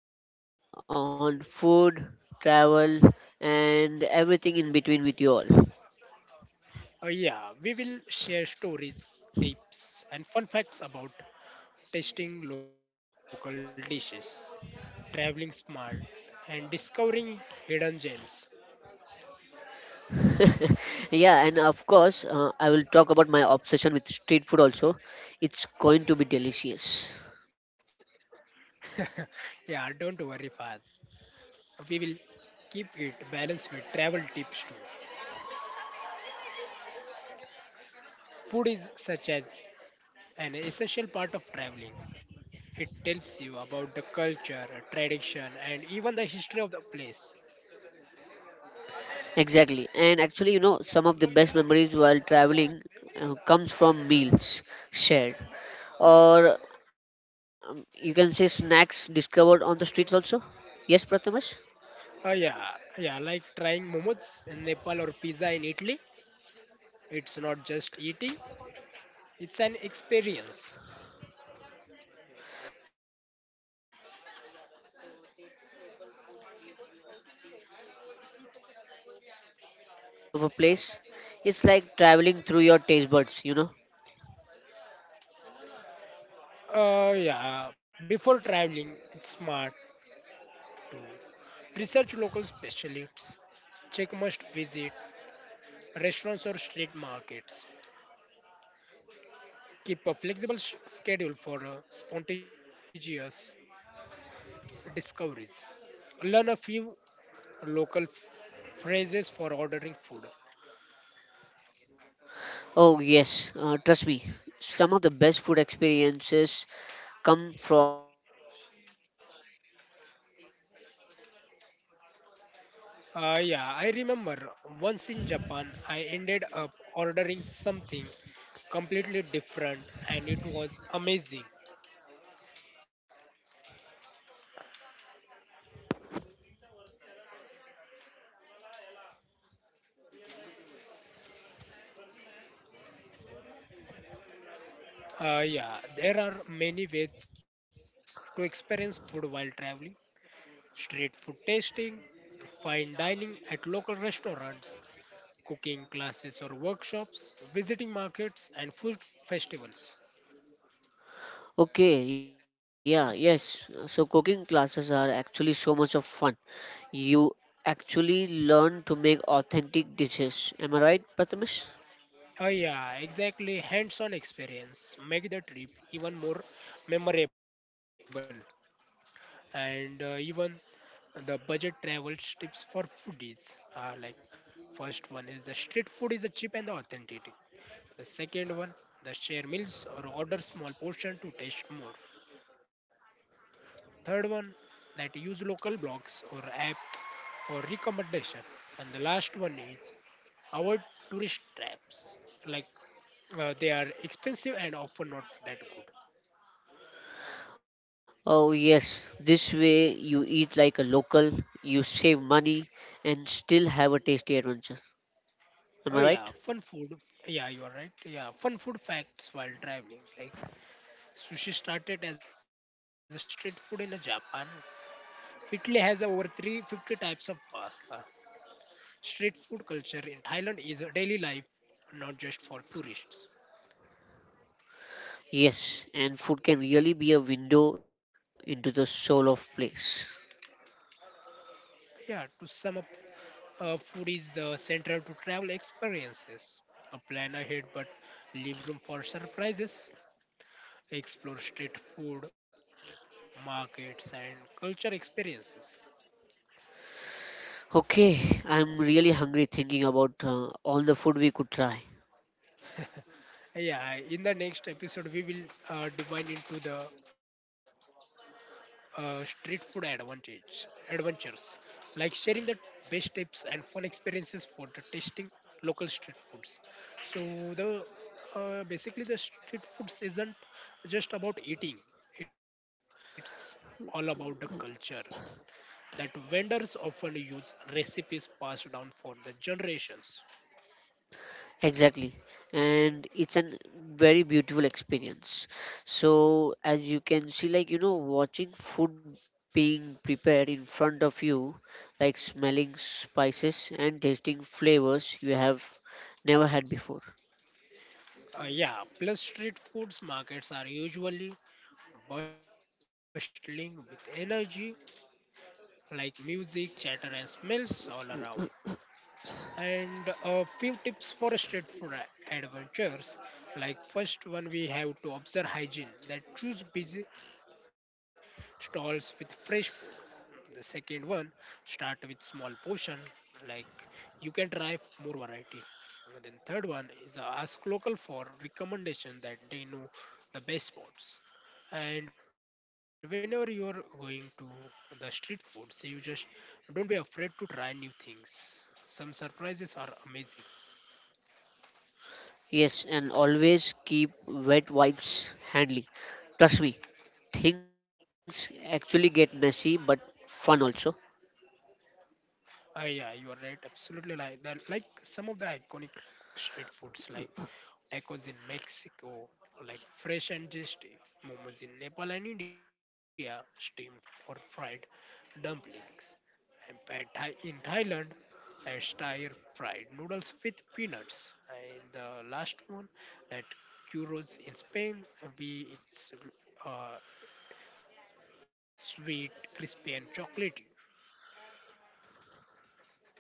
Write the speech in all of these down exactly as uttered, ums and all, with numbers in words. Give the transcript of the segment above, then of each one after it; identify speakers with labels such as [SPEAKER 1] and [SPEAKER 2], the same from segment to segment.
[SPEAKER 1] to explore on food, travel, and everything in between with you all.
[SPEAKER 2] Uh, yeah, we will share stories, tips, and fun facts about tasting local dishes, traveling smart, and discovering hidden gems.
[SPEAKER 1] Yeah, and of course, uh, I will talk about my obsession with street food also. It's going to be delicious.
[SPEAKER 2] Yeah, don't worry, Fahad. We will keep it balanced with travel tips too. Food is such as an essential part of traveling. It tells you about the culture, tradition, and even the history of the place.
[SPEAKER 1] Exactly. And actually, you know, some of the best memories while traveling uh, comes from meals shared or um, you can say snacks discovered on the streets also. Yes, Prathamesh?
[SPEAKER 2] Uh, yeah, yeah, like trying momos in Nepal or pizza in Italy. It's not just eating, it's an experience.
[SPEAKER 1] Yeah, so tasting local food gives you a peek into the lifestyle and also flavors of a place. It's like traveling through your taste buds, you know.
[SPEAKER 2] Uh, yeah, before traveling, it's smart to research local specialists, check must visit restaurants or street markets, keep a flexible sh- schedule for uh, spontaneous discoveries. Learn a few local f- phrases for ordering food.
[SPEAKER 1] Oh, yes, uh, trust me, some of the best food experiences come from trying something ex- unexpected.
[SPEAKER 2] Uh, yeah, I remember once in Japan, I ended up ordering something completely different and it was amazing. Uh, yeah, there are many ways to experience food while traveling: street food tasting, fine dining at local restaurants, cooking classes or workshops, visiting markets and food festivals.
[SPEAKER 1] Okay, yeah, yes. So cooking classes are actually so much of fun. You actually learn to make authentic dishes. Am I right, Prathamesh?
[SPEAKER 2] Oh yeah, exactly. Hands-on experience make the trip even more memorable, and uh, even the budget travel tips for foodies are like: first one is the street food is a cheap and the authentic. The second one, the share meals or order small portion to taste more. Third one, that use local blogs or apps for recommendation. And the last one is avoid tourist traps. Like uh, they are expensive and often not that good.
[SPEAKER 1] Oh, yes, this way you eat like a local, you save money, and still have a tasty adventure. Am I
[SPEAKER 2] Oh
[SPEAKER 1] right?
[SPEAKER 2] yeah, fun food. Yeah, you are right. Yeah, fun food facts while traveling. Like sushi started as a street food in Japan. Italy has over three hundred fifty types of pasta. Street food culture in Thailand is a daily life, not just for tourists.
[SPEAKER 1] Yes, and food can really be a window into the soul of place.
[SPEAKER 2] Yeah, to sum up, uh, food is the central to travel experiences. A plan ahead, but leave room for surprises. Explore street food, markets, and culture experiences.
[SPEAKER 1] Okay, I'm really hungry thinking about uh, all the food we could try.
[SPEAKER 2] Yeah, in the next episode, we will uh, dive into the uh, street food advantage adventures, like sharing the best tips and fun experiences for the tasting local street foods. So the uh, basically the street foods isn't just about eating, it's all about the culture, that vendors often use recipes passed down for the generations.
[SPEAKER 1] Exactly. And it's an very beautiful experience. So as you can see, like, you know, watching food being prepared in front of you, like smelling spices and tasting flavors you have never had before.
[SPEAKER 2] Uh, yeah, plus street foods markets are usually bustling with energy, like music, chatter, and smells all around. And a few tips for street food a- adventures. Like first one, we have to observe hygiene. That choose busy stalls with fresh food. The second one, start with small portion. Like you can try more variety. And then third one is ask local for recommendation, that they know the best spots. And whenever you are going to the street foods, you just don't be afraid to try new things. Some surprises are amazing.
[SPEAKER 1] Yes, and always keep wet wipes handy. Trust me, things actually get messy but fun also.
[SPEAKER 2] Ah, yeah, you are right. Absolutely, like the, like some of the iconic street foods, like tacos in Mexico, or like fresh and tasty momos in Nepal and India, steamed or fried dumplings, and pad thai in Thailand, that stir fried noodles with peanuts, and the last one, that churros in Spain. We it's uh, sweet, crispy, and chocolatey.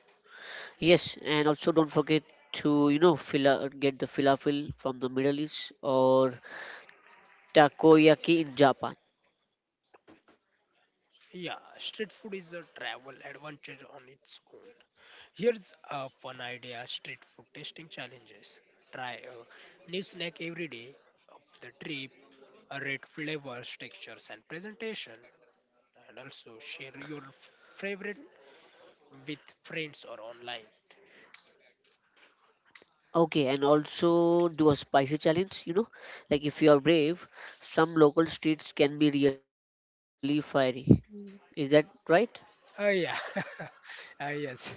[SPEAKER 1] Yes, and also don't forget to you know fila- get the falafel from the Middle East or takoyaki in Japan.
[SPEAKER 2] Yeah, street food is a travel adventure on its own. Here's a fun idea: street food tasting challenges. Try a new snack every day of the trip, rate flavors, textures, and presentation, and also share your f- favorite with friends or online.
[SPEAKER 1] Okay, and also do a spicy challenge. You know, like if you are brave, some local streets can be really fiery. Is that right?
[SPEAKER 2] Oh, yeah, ah, yes,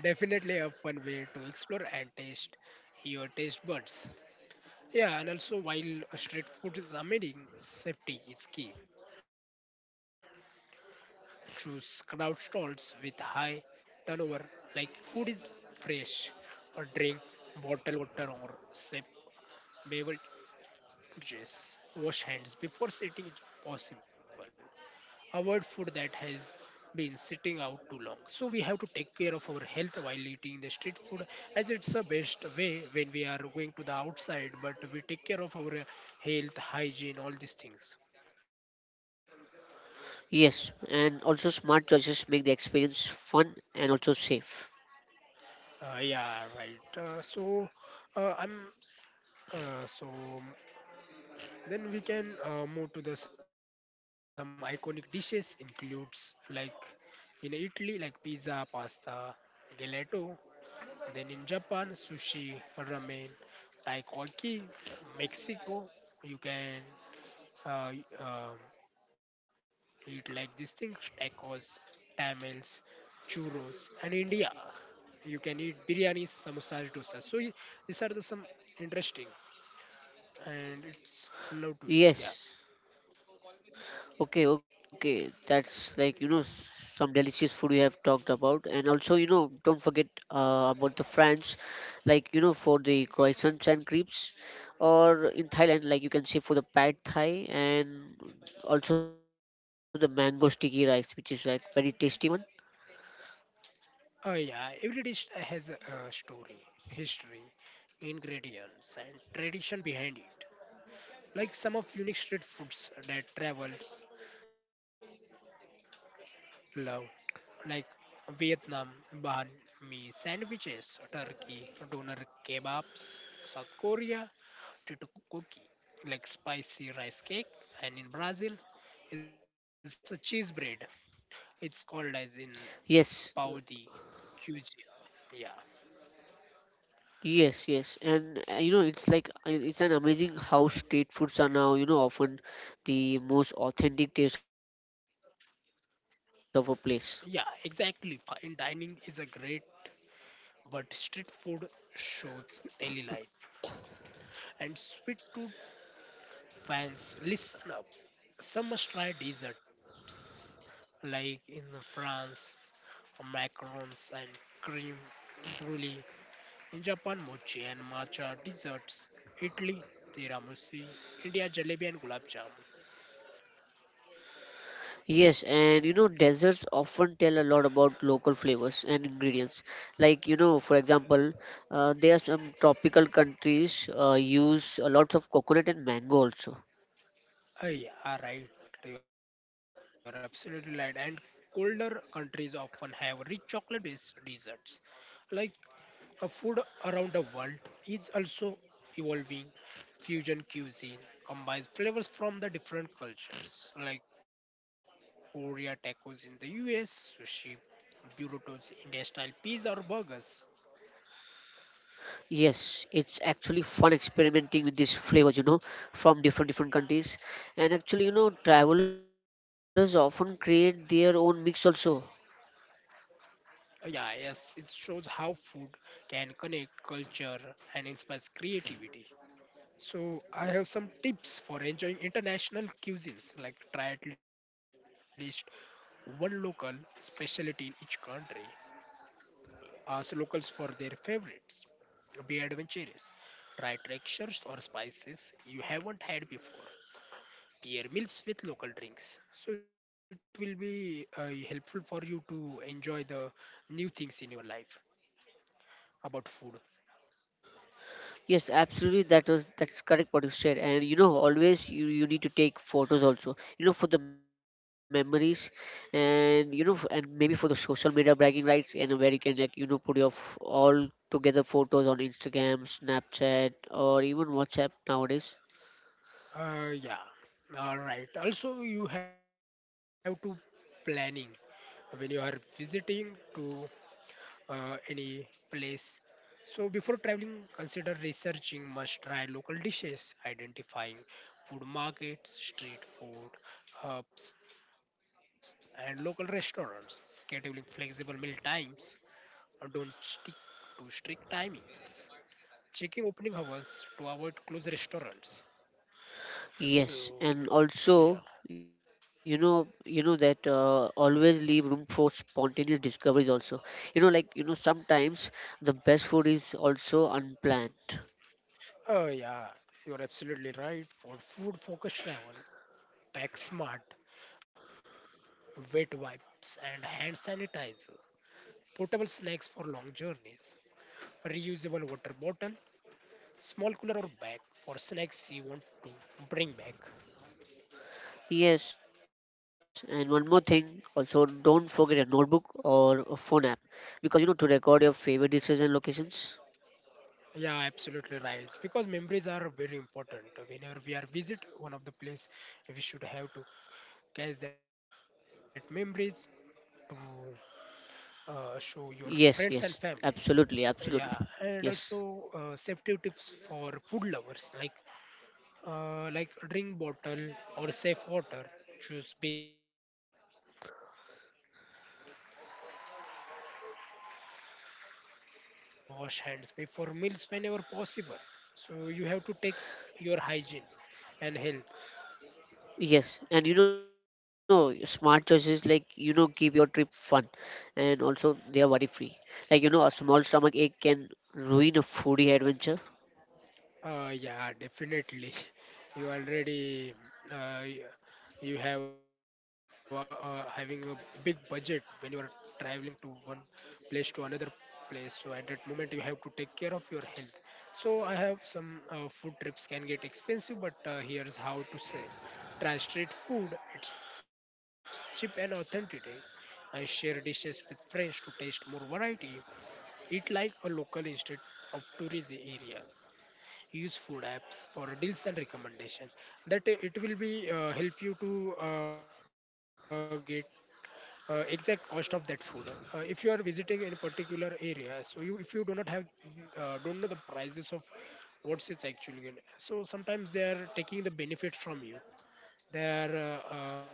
[SPEAKER 2] definitely a fun way to explore and taste your taste buds. Yeah, and also while street food is amazing, safety is key. Choose crowd stalls with high turnover, like food is fresh, or drink bottled water or safe beverages. Wash hands before sitting if possible, avoid food that has been sitting out too long. So we have to take care of our health while eating the street food, as it's a best way when we are going to the outside, but we take care of our uh, health, hygiene, all these things.
[SPEAKER 1] Yes, and also smart choices make the experience fun and also safe.
[SPEAKER 2] Uh, yeah, right. Uh, so uh, I'm uh, so then we can uh, move to the some iconic dishes includes like in Italy like pizza, pasta, gelato. Then in Japan, sushi, ramen, takoyaki. Mexico, you can uh, y- um, eat like these things: tacos, tamales, churros. And India, you can eat biryani, samosas, dosa. So ye- these are the some interesting and it's love to
[SPEAKER 1] Yes,
[SPEAKER 2] eat. Yeah.
[SPEAKER 1] okay, okay. That's like, you know, s- some delicious food we have talked about. And also, you know, don't forget uh, about the France, like, you know, for the croissants and crepes. Or in Thailand, like you can say for the pad thai and also the mango sticky rice, which is like very tasty one.
[SPEAKER 2] Oh yeah. Every dish has a, a story, history, ingredients, and tradition behind it. Like some of unique street foods that travels love, like Vietnam, banh mi sandwiches; Turkey, doner kebabs; South Korea, tteokbokki, like spicy rice cake; and in Brazil, it's a cheese bread, it's called as in pão
[SPEAKER 1] Yes,
[SPEAKER 2] de queijo. Yeah,
[SPEAKER 1] yes, yes. And uh, you know, it's like uh, it's an amazing how street foods are now, you know, often the most authentic taste of a place.
[SPEAKER 2] yeah, exactly, fine dining is a great, but street food shows daily life and sweet to. Fans, listen up. Some must try desserts, like in France, macarons and cream brulee. In Japan, mochi and matcha desserts. Italy, tiramisu. India, jalebi and gulab jamun.
[SPEAKER 1] Yes, and you know, desserts often tell a lot about local flavors and ingredients. Like, you know, for example, uh, there are some tropical countries uh, use a lot of coconut and mango also.
[SPEAKER 2] Aye, are right. You are absolutely right. And colder countries often have rich chocolate-based desserts, like Uh, food around the world is also evolving. Fusion cuisine combines flavors from the different cultures, like Korea tacos in the U S, sushi, burritos, India style pizza, or burgers.
[SPEAKER 1] Yes, it's actually fun experimenting with these flavors, you know, from different different countries. And actually, you know, travelers often create their own mix also.
[SPEAKER 2] Uh, yeah, yes, it shows how food can connect culture and inspires creativity. So, I have some tips for enjoying international cuisines, like try at least one local specialty in each country. Ask locals for their favorites. Be adventurous. Try textures or spices you haven't had before. Pair meals with local drinks. So it will be uh,
[SPEAKER 1] Ye-
[SPEAKER 2] helpful for you to enjoy the new things in your life about food.
[SPEAKER 1] Yes. Yes, absolutely. That was that's correct what you said. And you know, always you you need to take photos also. You know, for the memories, and you know, f- and maybe for the social media bragging rights, and uh, where you can like you know put your f- all together photos on Instagram, Snapchat, or even WhatsApp nowadays.
[SPEAKER 2] Uh, yeah. All right. Also, you have to planning when you are visiting to uh, any place. So before traveling, consider researching must-try local dishes, identifying food markets, street food, hubs, and local restaurants, scheduling flexible meal times, and don't stick to strict timings, checking opening hours to avoid closed restaurants.
[SPEAKER 1] Yes, and also
[SPEAKER 2] So,
[SPEAKER 1] you know
[SPEAKER 2] yeah.
[SPEAKER 1] you know that uh, always leave room for spontaneous discoveries also. You know, like you know sometimes the best food is also unplanned.
[SPEAKER 2] Oh, yeah, you're absolutely right. For food focused travel, pack smart, wet wipes, and hand sanitizer, portable snacks for long journeys, reusable water bottle, small cooler or bag for snacks you want to bring back.
[SPEAKER 1] Yes, and one more thing, also don't forget a notebook or a phone app because you know to record your favorite dishes and locations.
[SPEAKER 2] Yeah, absolutely right. Because memories are very important. Whenever we are visit one of the place, we should have to catch that memories to uh, show
[SPEAKER 1] Yes,
[SPEAKER 2] your
[SPEAKER 1] yes,
[SPEAKER 2] friends and family.
[SPEAKER 1] absolutely, absolutely.
[SPEAKER 2] Yeah, and
[SPEAKER 1] Yes,
[SPEAKER 2] also uh, safety tips for food lovers, like uh, like drink bottle or safe water. Choose busy stalls. Turnover means fresh food. Avoid food left out for long periods. Wash hands before meals whenever possible. So you have to take your hygiene and health.
[SPEAKER 1] yes, and you know, smart choices like you know, keep your trip fun and also they are worry free. Like you know, a small stomach ache can ruin a foodie adventure.
[SPEAKER 2] Uh, yeah, definitely. You already uh, y- you have a, uh, having a big budget when you are traveling to one place to another place. So at that moment you have to take care of your health. So I have some uh, food trips can get expensive, but uh, here's how to save. Try street food. It's cheap and authentic. I share dishes with friends to taste more variety. Eat like a local instead of tourism area. Use food apps for deals and recommendation, that uh, it will be uh, help you to uh, get uh, exact cost of that food. Uh, if you are visiting in a particular area, so you if you do not have uh, don't know the prices of what's it's actually gonna- so sometimes they are taking the benefit from you, they are uh, uh,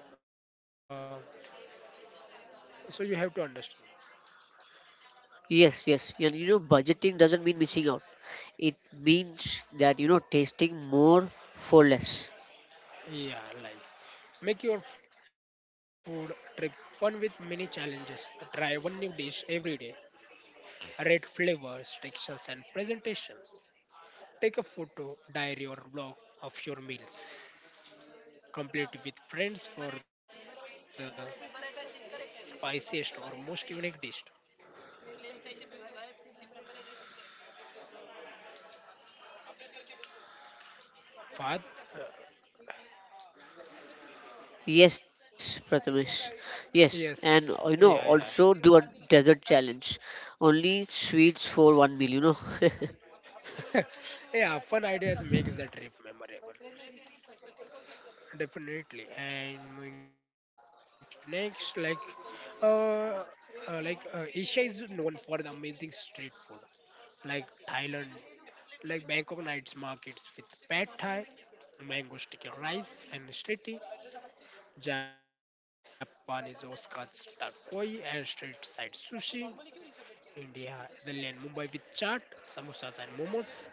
[SPEAKER 2] so you have to understand.
[SPEAKER 1] Yes, yes, and you know, budgeting doesn't mean missing out, it means that you know, tasting more for less.
[SPEAKER 2] Yeah, like make your food trip fun with many challenges. Try one new dish every day. Red flavors, textures, and presentations. Take a photo, diary, or vlog of your meals. Complete with friends for the spiciest or most unique dish. Fad? Uh,
[SPEAKER 1] Yes, Prathamesh. Yes, and
[SPEAKER 2] yes.
[SPEAKER 1] uh, you know,
[SPEAKER 2] Yeah,
[SPEAKER 1] also do a desert challenge. Only sweets for one meal, you know.
[SPEAKER 2] yeah. Yeah, fun ideas makes the trip memorable. Definitely. And moving to next, like, uh, uh, like uh, Asia is known for the amazing street food. Like Thailand, like Bangkok nights markets with pad thai, mango sticky rice and street tea. Japanese Oscar's takoi and street side sushi. India, Italian Mumbai with chaat, samosas and momos.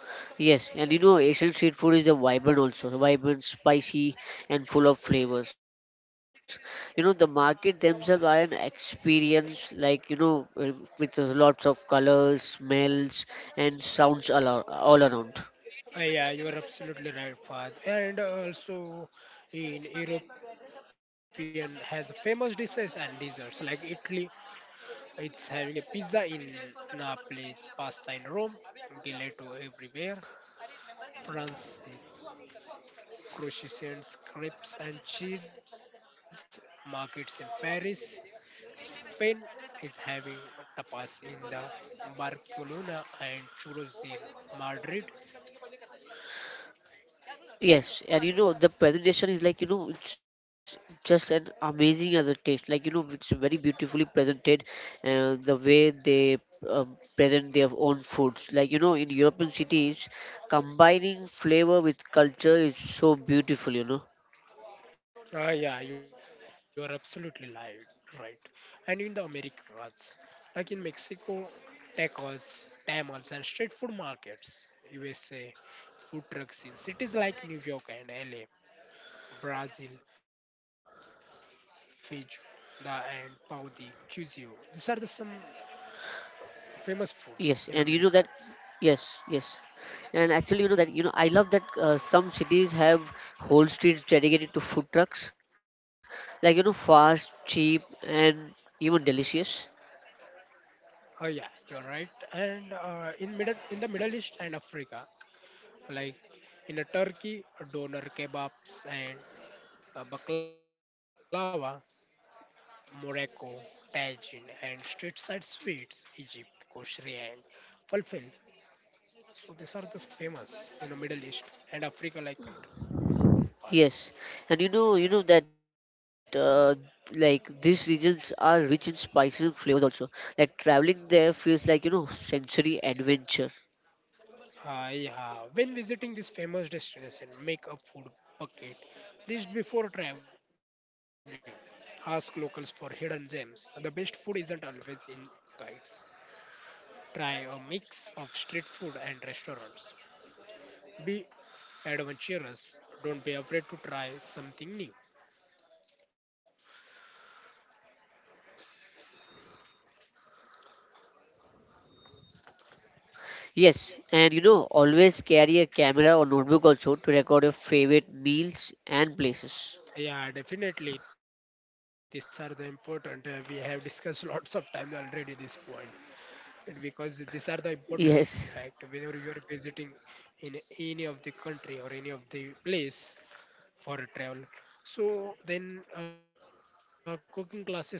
[SPEAKER 1] Yes, and you know, Asian street food is a vibrant also, vibrant, spicy, and full of flavors. You know, the market themselves are an experience, like you know, uh, with uh, lots of colors, smells, and sounds all, ar- all around.
[SPEAKER 2] Uh, yeah, you are absolutely right, Fahad. And uh, also in European has famous dishes and desserts, like Italy, it's having a pizza in Naples, pasta in Rome, gelato everywhere. France is croissants, crepes and cheese markets in Paris. Spain is having tapas in the Barcelona and churros in Madrid.
[SPEAKER 1] Yes, and you know the presentation is like you know it's just an amazing as a taste. Like you know it's very beautifully presented, and the way they uh, present their own foods. Like you know in European cities, combining flavor with culture is so beautiful. You know.
[SPEAKER 2] Ah, yeah, you are absolutely light, right. And in the Americas, like in Mexico, tacos, tamales, and street food markets. U S A, food trucks in cities like New York and L A. Brazil, feijoada and pão de queijo. These are the some famous
[SPEAKER 1] Yes,
[SPEAKER 2] foods in
[SPEAKER 1] and you know that.
[SPEAKER 2] Americas.
[SPEAKER 1] Yes, yes, and actually, you know that. You know, I love that uh, some cities have whole streets dedicated to food trucks, like you know, fast, cheap, and even delicious.
[SPEAKER 2] Oh yeah, you're right. And uh, in middle in the Middle East and Africa, like in the Turkey, doner kebabs and uh, baklava. Morocco, tagine and street side sweets. Egypt, koshri and falafel. So these are the famous in the Middle East and Africa like country parts.
[SPEAKER 1] Yes, and you know, you know that. Uh, like these regions are rich in spices and flavors also like traveling there feels like you know sensory adventure.
[SPEAKER 2] Uh, yeah. When visiting this famous destination, make a food bucket list before traveling. Ask locals for hidden gems. The best food isn't always in guides. Try a mix of street food and restaurants. Be adventurous. Don't be afraid to try something new.
[SPEAKER 1] Yes and you know always carry a camera or notebook also to record your favorite meals and places.
[SPEAKER 2] Yeah, definitely. These are the important. Uh, we have discussed lots of time already this point, and because these are the important
[SPEAKER 1] Yes,
[SPEAKER 2] fact. Whenever you are visiting in any of the country or any of the place for a travel, so then uh, cooking classes around the world, like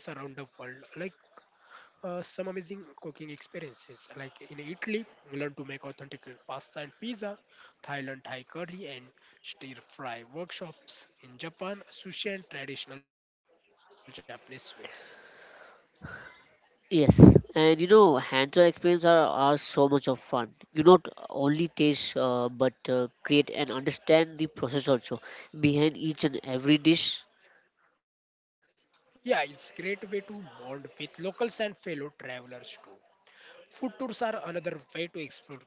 [SPEAKER 2] uh, some amazing cooking experiences. Like in Italy, we learn to make authentic pasta and pizza, Thailand Thai curry and stir fry workshops, in Japan, sushi and traditional Japanese sweets.
[SPEAKER 1] yes. And you know, hands-on experience are, are so much of fun. You not only taste uh, but uh, create and understand the process also behind each and every dish.
[SPEAKER 2] Yeah, it's great way to bond with locals and fellow travelers too. Food tours are another way to explore cuisine.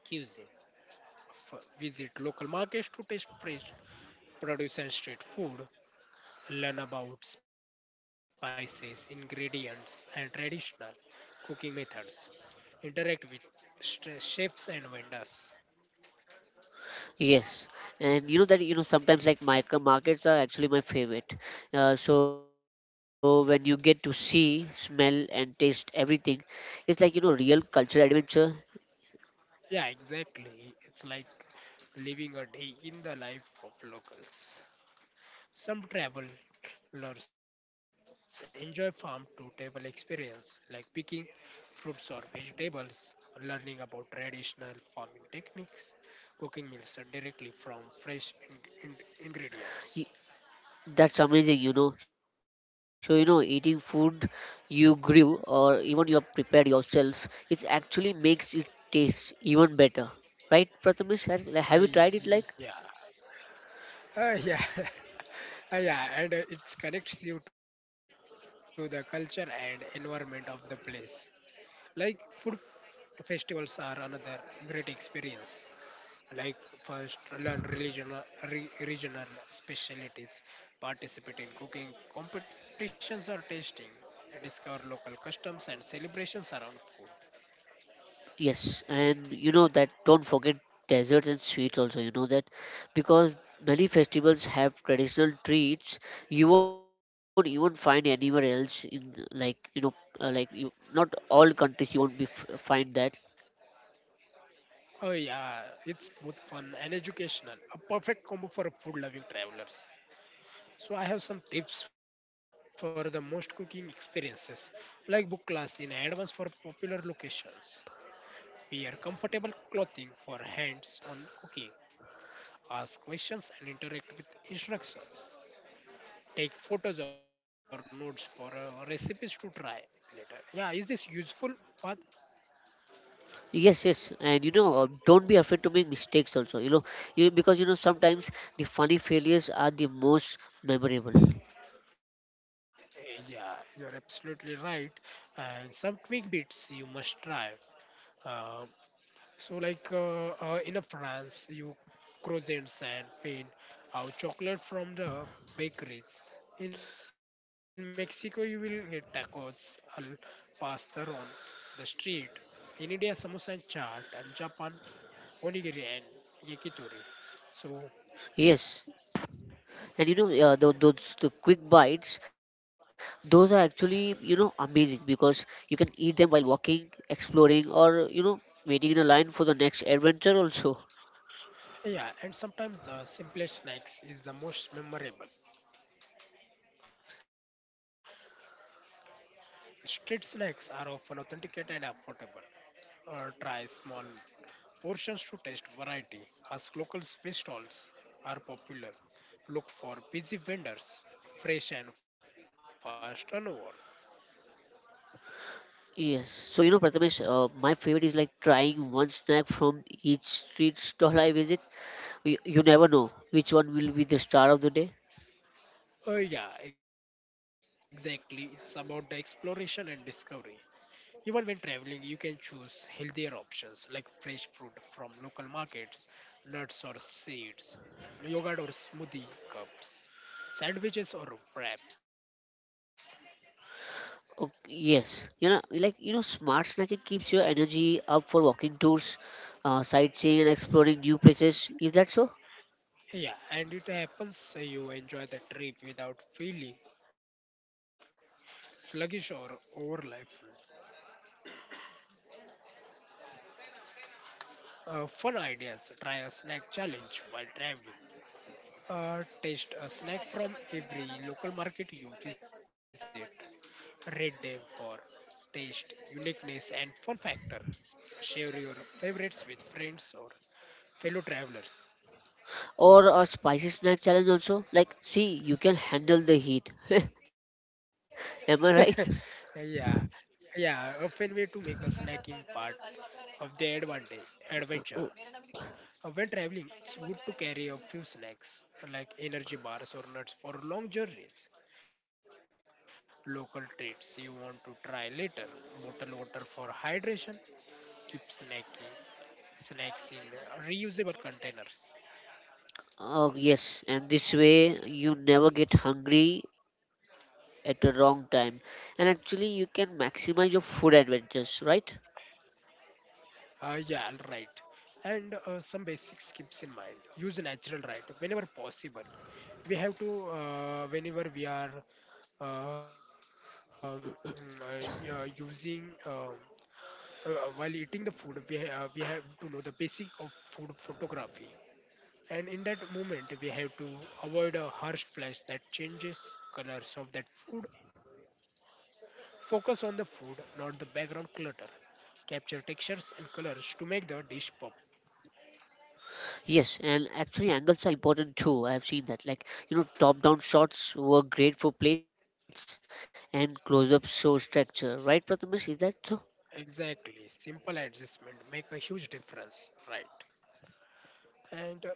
[SPEAKER 2] F- visit local markets to taste fresh produce and street food. Learn about spices, ingredients, and traditional cooking methods, interact with st- chefs and vendors.
[SPEAKER 1] Yes. And you know that you know sometimes like micro markets are actually my favorite. Uh, so when you get to see, smell and taste everything, it's like you know real cultural adventure.
[SPEAKER 2] Yeah, exactly. It's like living a day in the life of locals. Some travelers enjoy farm to table experience like picking fruits or vegetables, learning about traditional farming techniques, cooking meals directly from fresh in- in- ingredients.
[SPEAKER 1] That's amazing, you know. So, you know, eating food you grew or even you have prepared yourself, it actually makes it taste even better. Right, Prathamesh? Has-
[SPEAKER 2] I,
[SPEAKER 1] like, have you tried it
[SPEAKER 2] yeah,
[SPEAKER 1] like?
[SPEAKER 2] Uh, yeah, uh, yeah, and uh, it connects you to the culture and environment of the place. Like food festivals are another great experience. Like first, learn regional re- regional specialties, participate in cooking competitions or tasting, and discover local customs and celebrations around food.
[SPEAKER 1] Yes, and you know that don't forget desserts and sweets also, you know that because many festivals have traditional treats you won't even find anywhere else in like you know uh, like you not all countries you won't be f- find that.
[SPEAKER 2] Oh yeah, it's both fun and educational. A perfect combo for food-loving travelers. So I have some tips for the most cooking experiences, like book class in advance for popular locations. Wear comfortable clothing for hands-on cooking. Ask questions and interact with instructions. Take photos or notes for uh, recipes to try later. Yeah, is this useful, Fad?
[SPEAKER 1] Yes, yes, and you know, uh, don't be afraid to make mistakes also. You know, you, because you know sometimes the funny failures are the most memorable.
[SPEAKER 2] Eh, Yeah, you're absolutely right. And some quick bits you must try. Uh, So, like uh, uh, in a France, you croissants and pain out chocolate from the bakeries. In Mexico, you will get tacos, al pastor on the street. In India, samosa and chaat, and Japan, onigiri and yakitori. So,
[SPEAKER 1] Yes, and you know, uh, the, those the quick bites, those are actually you know amazing because you can eat them while walking, exploring, or you know waiting in a line for the next adventure also.
[SPEAKER 2] yeah, and sometimes the simplest snacks is the most memorable. Street snacks are often authentic and affordable. Uh, try small portions to test variety. Ask local fish stalls are popular. Look for busy vendors. Fresh and fast turnover.
[SPEAKER 1] Yes. So, you know, Prathamesh, uh, my favorite is like trying one snack from each street stall I visit. You, you never know which one will be the star of the day.
[SPEAKER 2] Oh yeah, exactly. It's about the exploration and discovery. Even when traveling, you can choose healthier options like fresh fruit from local markets, nuts or seeds, yogurt or smoothie cups, sandwiches or wraps.
[SPEAKER 1] Oh, yes, you know, like you know, smart snacking keeps your energy up for walking tours, uh, sightseeing, and exploring new places. Is that so?
[SPEAKER 2] Yeah, and it happens so you enjoy the trip without feeling sluggish or overlife. Uh, fun ideas. Try a snack challenge while traveling. Uh, taste a snack from every local market you visit. Rate them for taste, uniqueness, and fun factor. Share your favorites with friends or fellow travelers.
[SPEAKER 1] Or a spicy snack challenge also? Like, see, you can handle the heat. Am I right?
[SPEAKER 2] yeah, yeah. A fun way to make a snacking part of the advantage adventure. Uh, when traveling, it's good to carry a few snacks like energy bars or nuts for long journeys. Local treats you want to try later. Bottle water for hydration. Keep snacking snacks in reusable containers.
[SPEAKER 1] Oh, yes, and this way you never get hungry at the wrong time, and actually, you can maximize your food adventures, right?
[SPEAKER 2] Uh, yeah, right. And uh, some basic skips in mind. Use natural light whenever possible. We have to uh, whenever we are um, mm, uh, yeah, using. Um Uh, while eating the food, we, ha- uh, we have to know the basic of food photography. And in that moment, we have to avoid a harsh flash that changes colors of that food. Focus on the food, not the background clutter. Capture textures and colors to make the dish pop.
[SPEAKER 1] Yes, and actually angles are important too. I have seen that. Like, you know, top-down shots work great for plates and close-ups show structure. Right, Prathamesh? Is that so?
[SPEAKER 2] Exactly. Simple adjustment make a huge difference, right?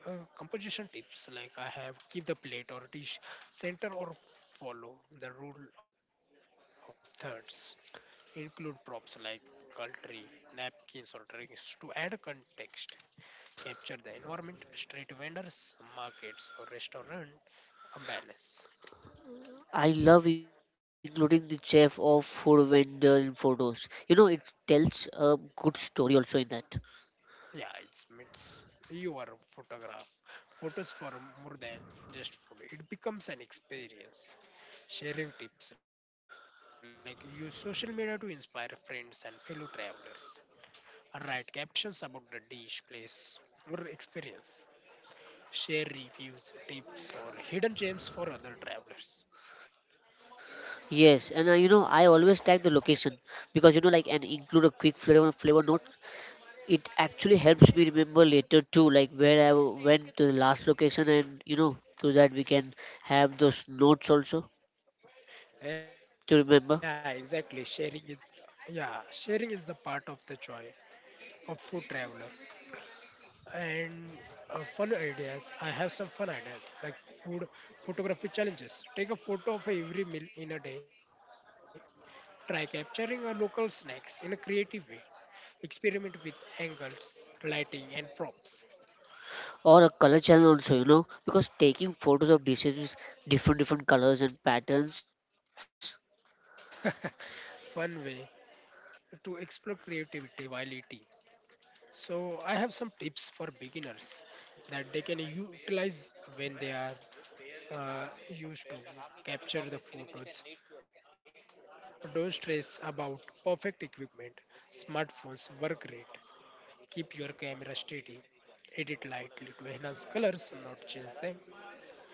[SPEAKER 2] And uh, composition tips like I have keep the plate or dish center or follow the rule of thirds. Include props like cutlery, napkins, or drinks to add context. Capture the environment, street vendors, markets, or restaurant. Ambiance.
[SPEAKER 1] I love including the chef or food vendor in photos. You know, it tells a good story also in that.
[SPEAKER 2] Yeah, it's meets your photograph. Photos for more than just food. It becomes an experience. Sharing tips like use social media to inspire friends and fellow travelers. Write captions about the dish, place, or experience. Share reviews, tips, or hidden gems for other travelers.
[SPEAKER 1] Yes, and I, you know, I always tag the location because you know, like, and include a quick flavor flavor note. It actually helps me remember later too, like where I went to the last location, and you know, so that we can have those notes also to remember,
[SPEAKER 2] Yeah, exactly. Sharing is yeah, sharing is the part of the joy of food traveler. And uh, fun ideas. I have some fun ideas like food photography challenges. Take a photo of every meal in a day. Try capturing a local snacks in a creative way. Experiment with angles, lighting, and props.
[SPEAKER 1] or a color channel also, you know, because taking photos of dishes with different different colors and patterns.
[SPEAKER 2] fun way to explore creativity while eating. So I have some tips for beginners that they can utilize when they are uh, used to capture the photos. Don't stress about perfect equipment, smartphones, work rate. Keep your camera steady. Edit lightly to enhance colors, not change them.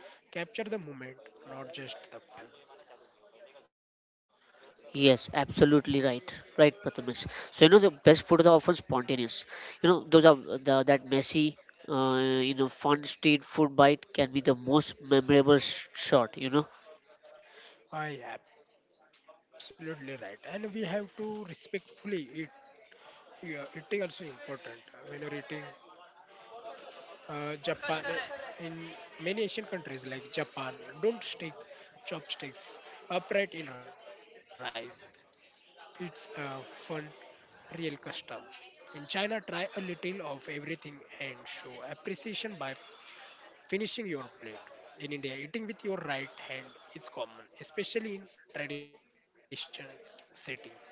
[SPEAKER 2] Capture the moment, not just the food.
[SPEAKER 1] Yes, absolutely right, right, Prathamesh. So you know the best photos are often spontaneous. You know those are the that messy, uh, you know, fun street food bite can be the most memorable sh- shot. You know.
[SPEAKER 2] I absolutely right, and we have to respectfully eat. Yeah, eating also important. When you're eating, uh, Japan, in many Asian countries like Japan, don't stick chopsticks upright in rice. It's a fun, real custom. In China, try a little of everything and show appreciation by finishing your plate. In India, eating with your right hand is common, especially in traditional settings.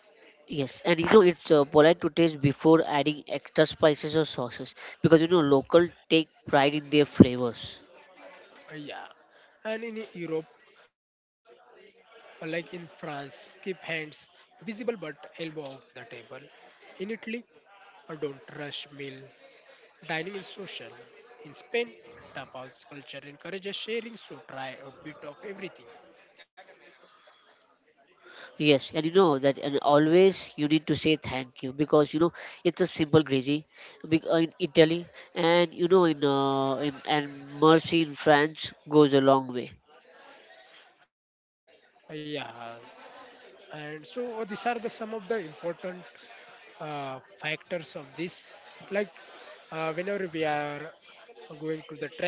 [SPEAKER 1] Yes, and you know it's uh, polite to taste before adding extra spices or sauces because you know local take pride in their flavors.
[SPEAKER 2] Uh, Yeah, and in Europe, uh, like in France, keep hands visible but elbow off the table. In Italy, uh, don't rush meals. Dining is social. In Spain, tapas culture encourages sharing, so try a bit of everything.
[SPEAKER 1] Yes, and you know that, and always you need to say thank you because you know it's a simple gravy bec- uh, in Italy, and you know in, uh, in and mercy in France goes a long way.
[SPEAKER 2] Uh, yeah, and so uh, these are the some of the important uh, factors of this like uh, whenever we are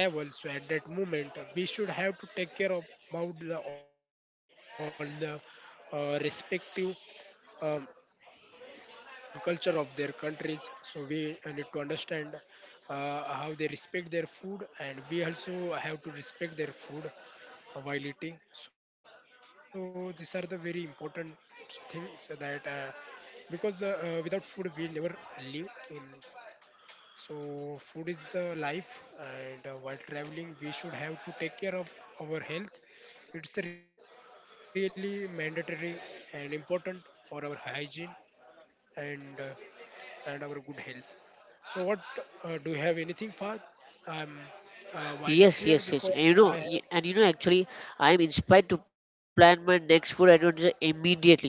[SPEAKER 2] going to the travel so at that moment we should have to take care of about the, all the uh, respective um, culture of their countries. So we uh, need to understand uh, how they respect their food, and we also have to respect their food uh, while eating. So these are the very important things that uh, because uh, uh, without food we never live in. So food is the life, and uh, while traveling we should have to take care of our health. It's really mandatory and important for our hygiene and uh, and our good health. So, what uh, do you have anything, Fahd? I'm
[SPEAKER 1] Yes,
[SPEAKER 2] uh,
[SPEAKER 1] yes,
[SPEAKER 2] wind
[SPEAKER 1] yes.
[SPEAKER 2] up
[SPEAKER 1] And you
[SPEAKER 2] here
[SPEAKER 1] know,
[SPEAKER 2] because
[SPEAKER 1] y- and
[SPEAKER 2] I
[SPEAKER 1] you know,
[SPEAKER 2] have,
[SPEAKER 1] actually, I am inspired to plan my next food adventure immediately. You know, so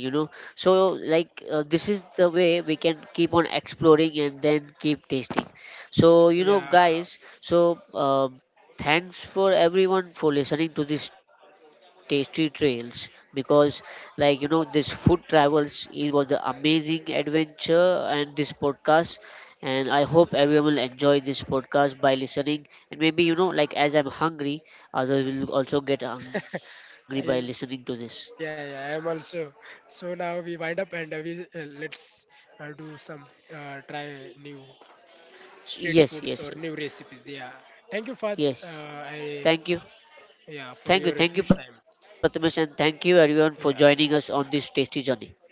[SPEAKER 1] like uh, this is the way we can keep on exploring and then keep tasting. So you know,
[SPEAKER 2] yeah,
[SPEAKER 1] guys. So um, thanks for everyone for listening to this tasty trails because, like you know, this food travels is was the amazing adventure and this podcast and I hope everyone will enjoy this podcast by listening. And maybe, you know, like as I'm hungry, others will also get hungry by listening to
[SPEAKER 2] yeah,
[SPEAKER 1] this.
[SPEAKER 2] yeah, I'm also. So, now we wind up and uh, we uh, let's uh, do some uh, try new street
[SPEAKER 1] Yes,
[SPEAKER 2] foods or
[SPEAKER 1] yes,
[SPEAKER 2] new
[SPEAKER 1] yes,
[SPEAKER 2] recipes. Yeah, thank you, Fahd.
[SPEAKER 1] yes.
[SPEAKER 2] Uh, I
[SPEAKER 1] Thank you.
[SPEAKER 2] yeah, for your huge
[SPEAKER 1] Thank you.
[SPEAKER 2] time.
[SPEAKER 1] Thank you, Prathamesh,
[SPEAKER 2] Yeah.
[SPEAKER 1] and thank you everyone for joining us on this tasty journey.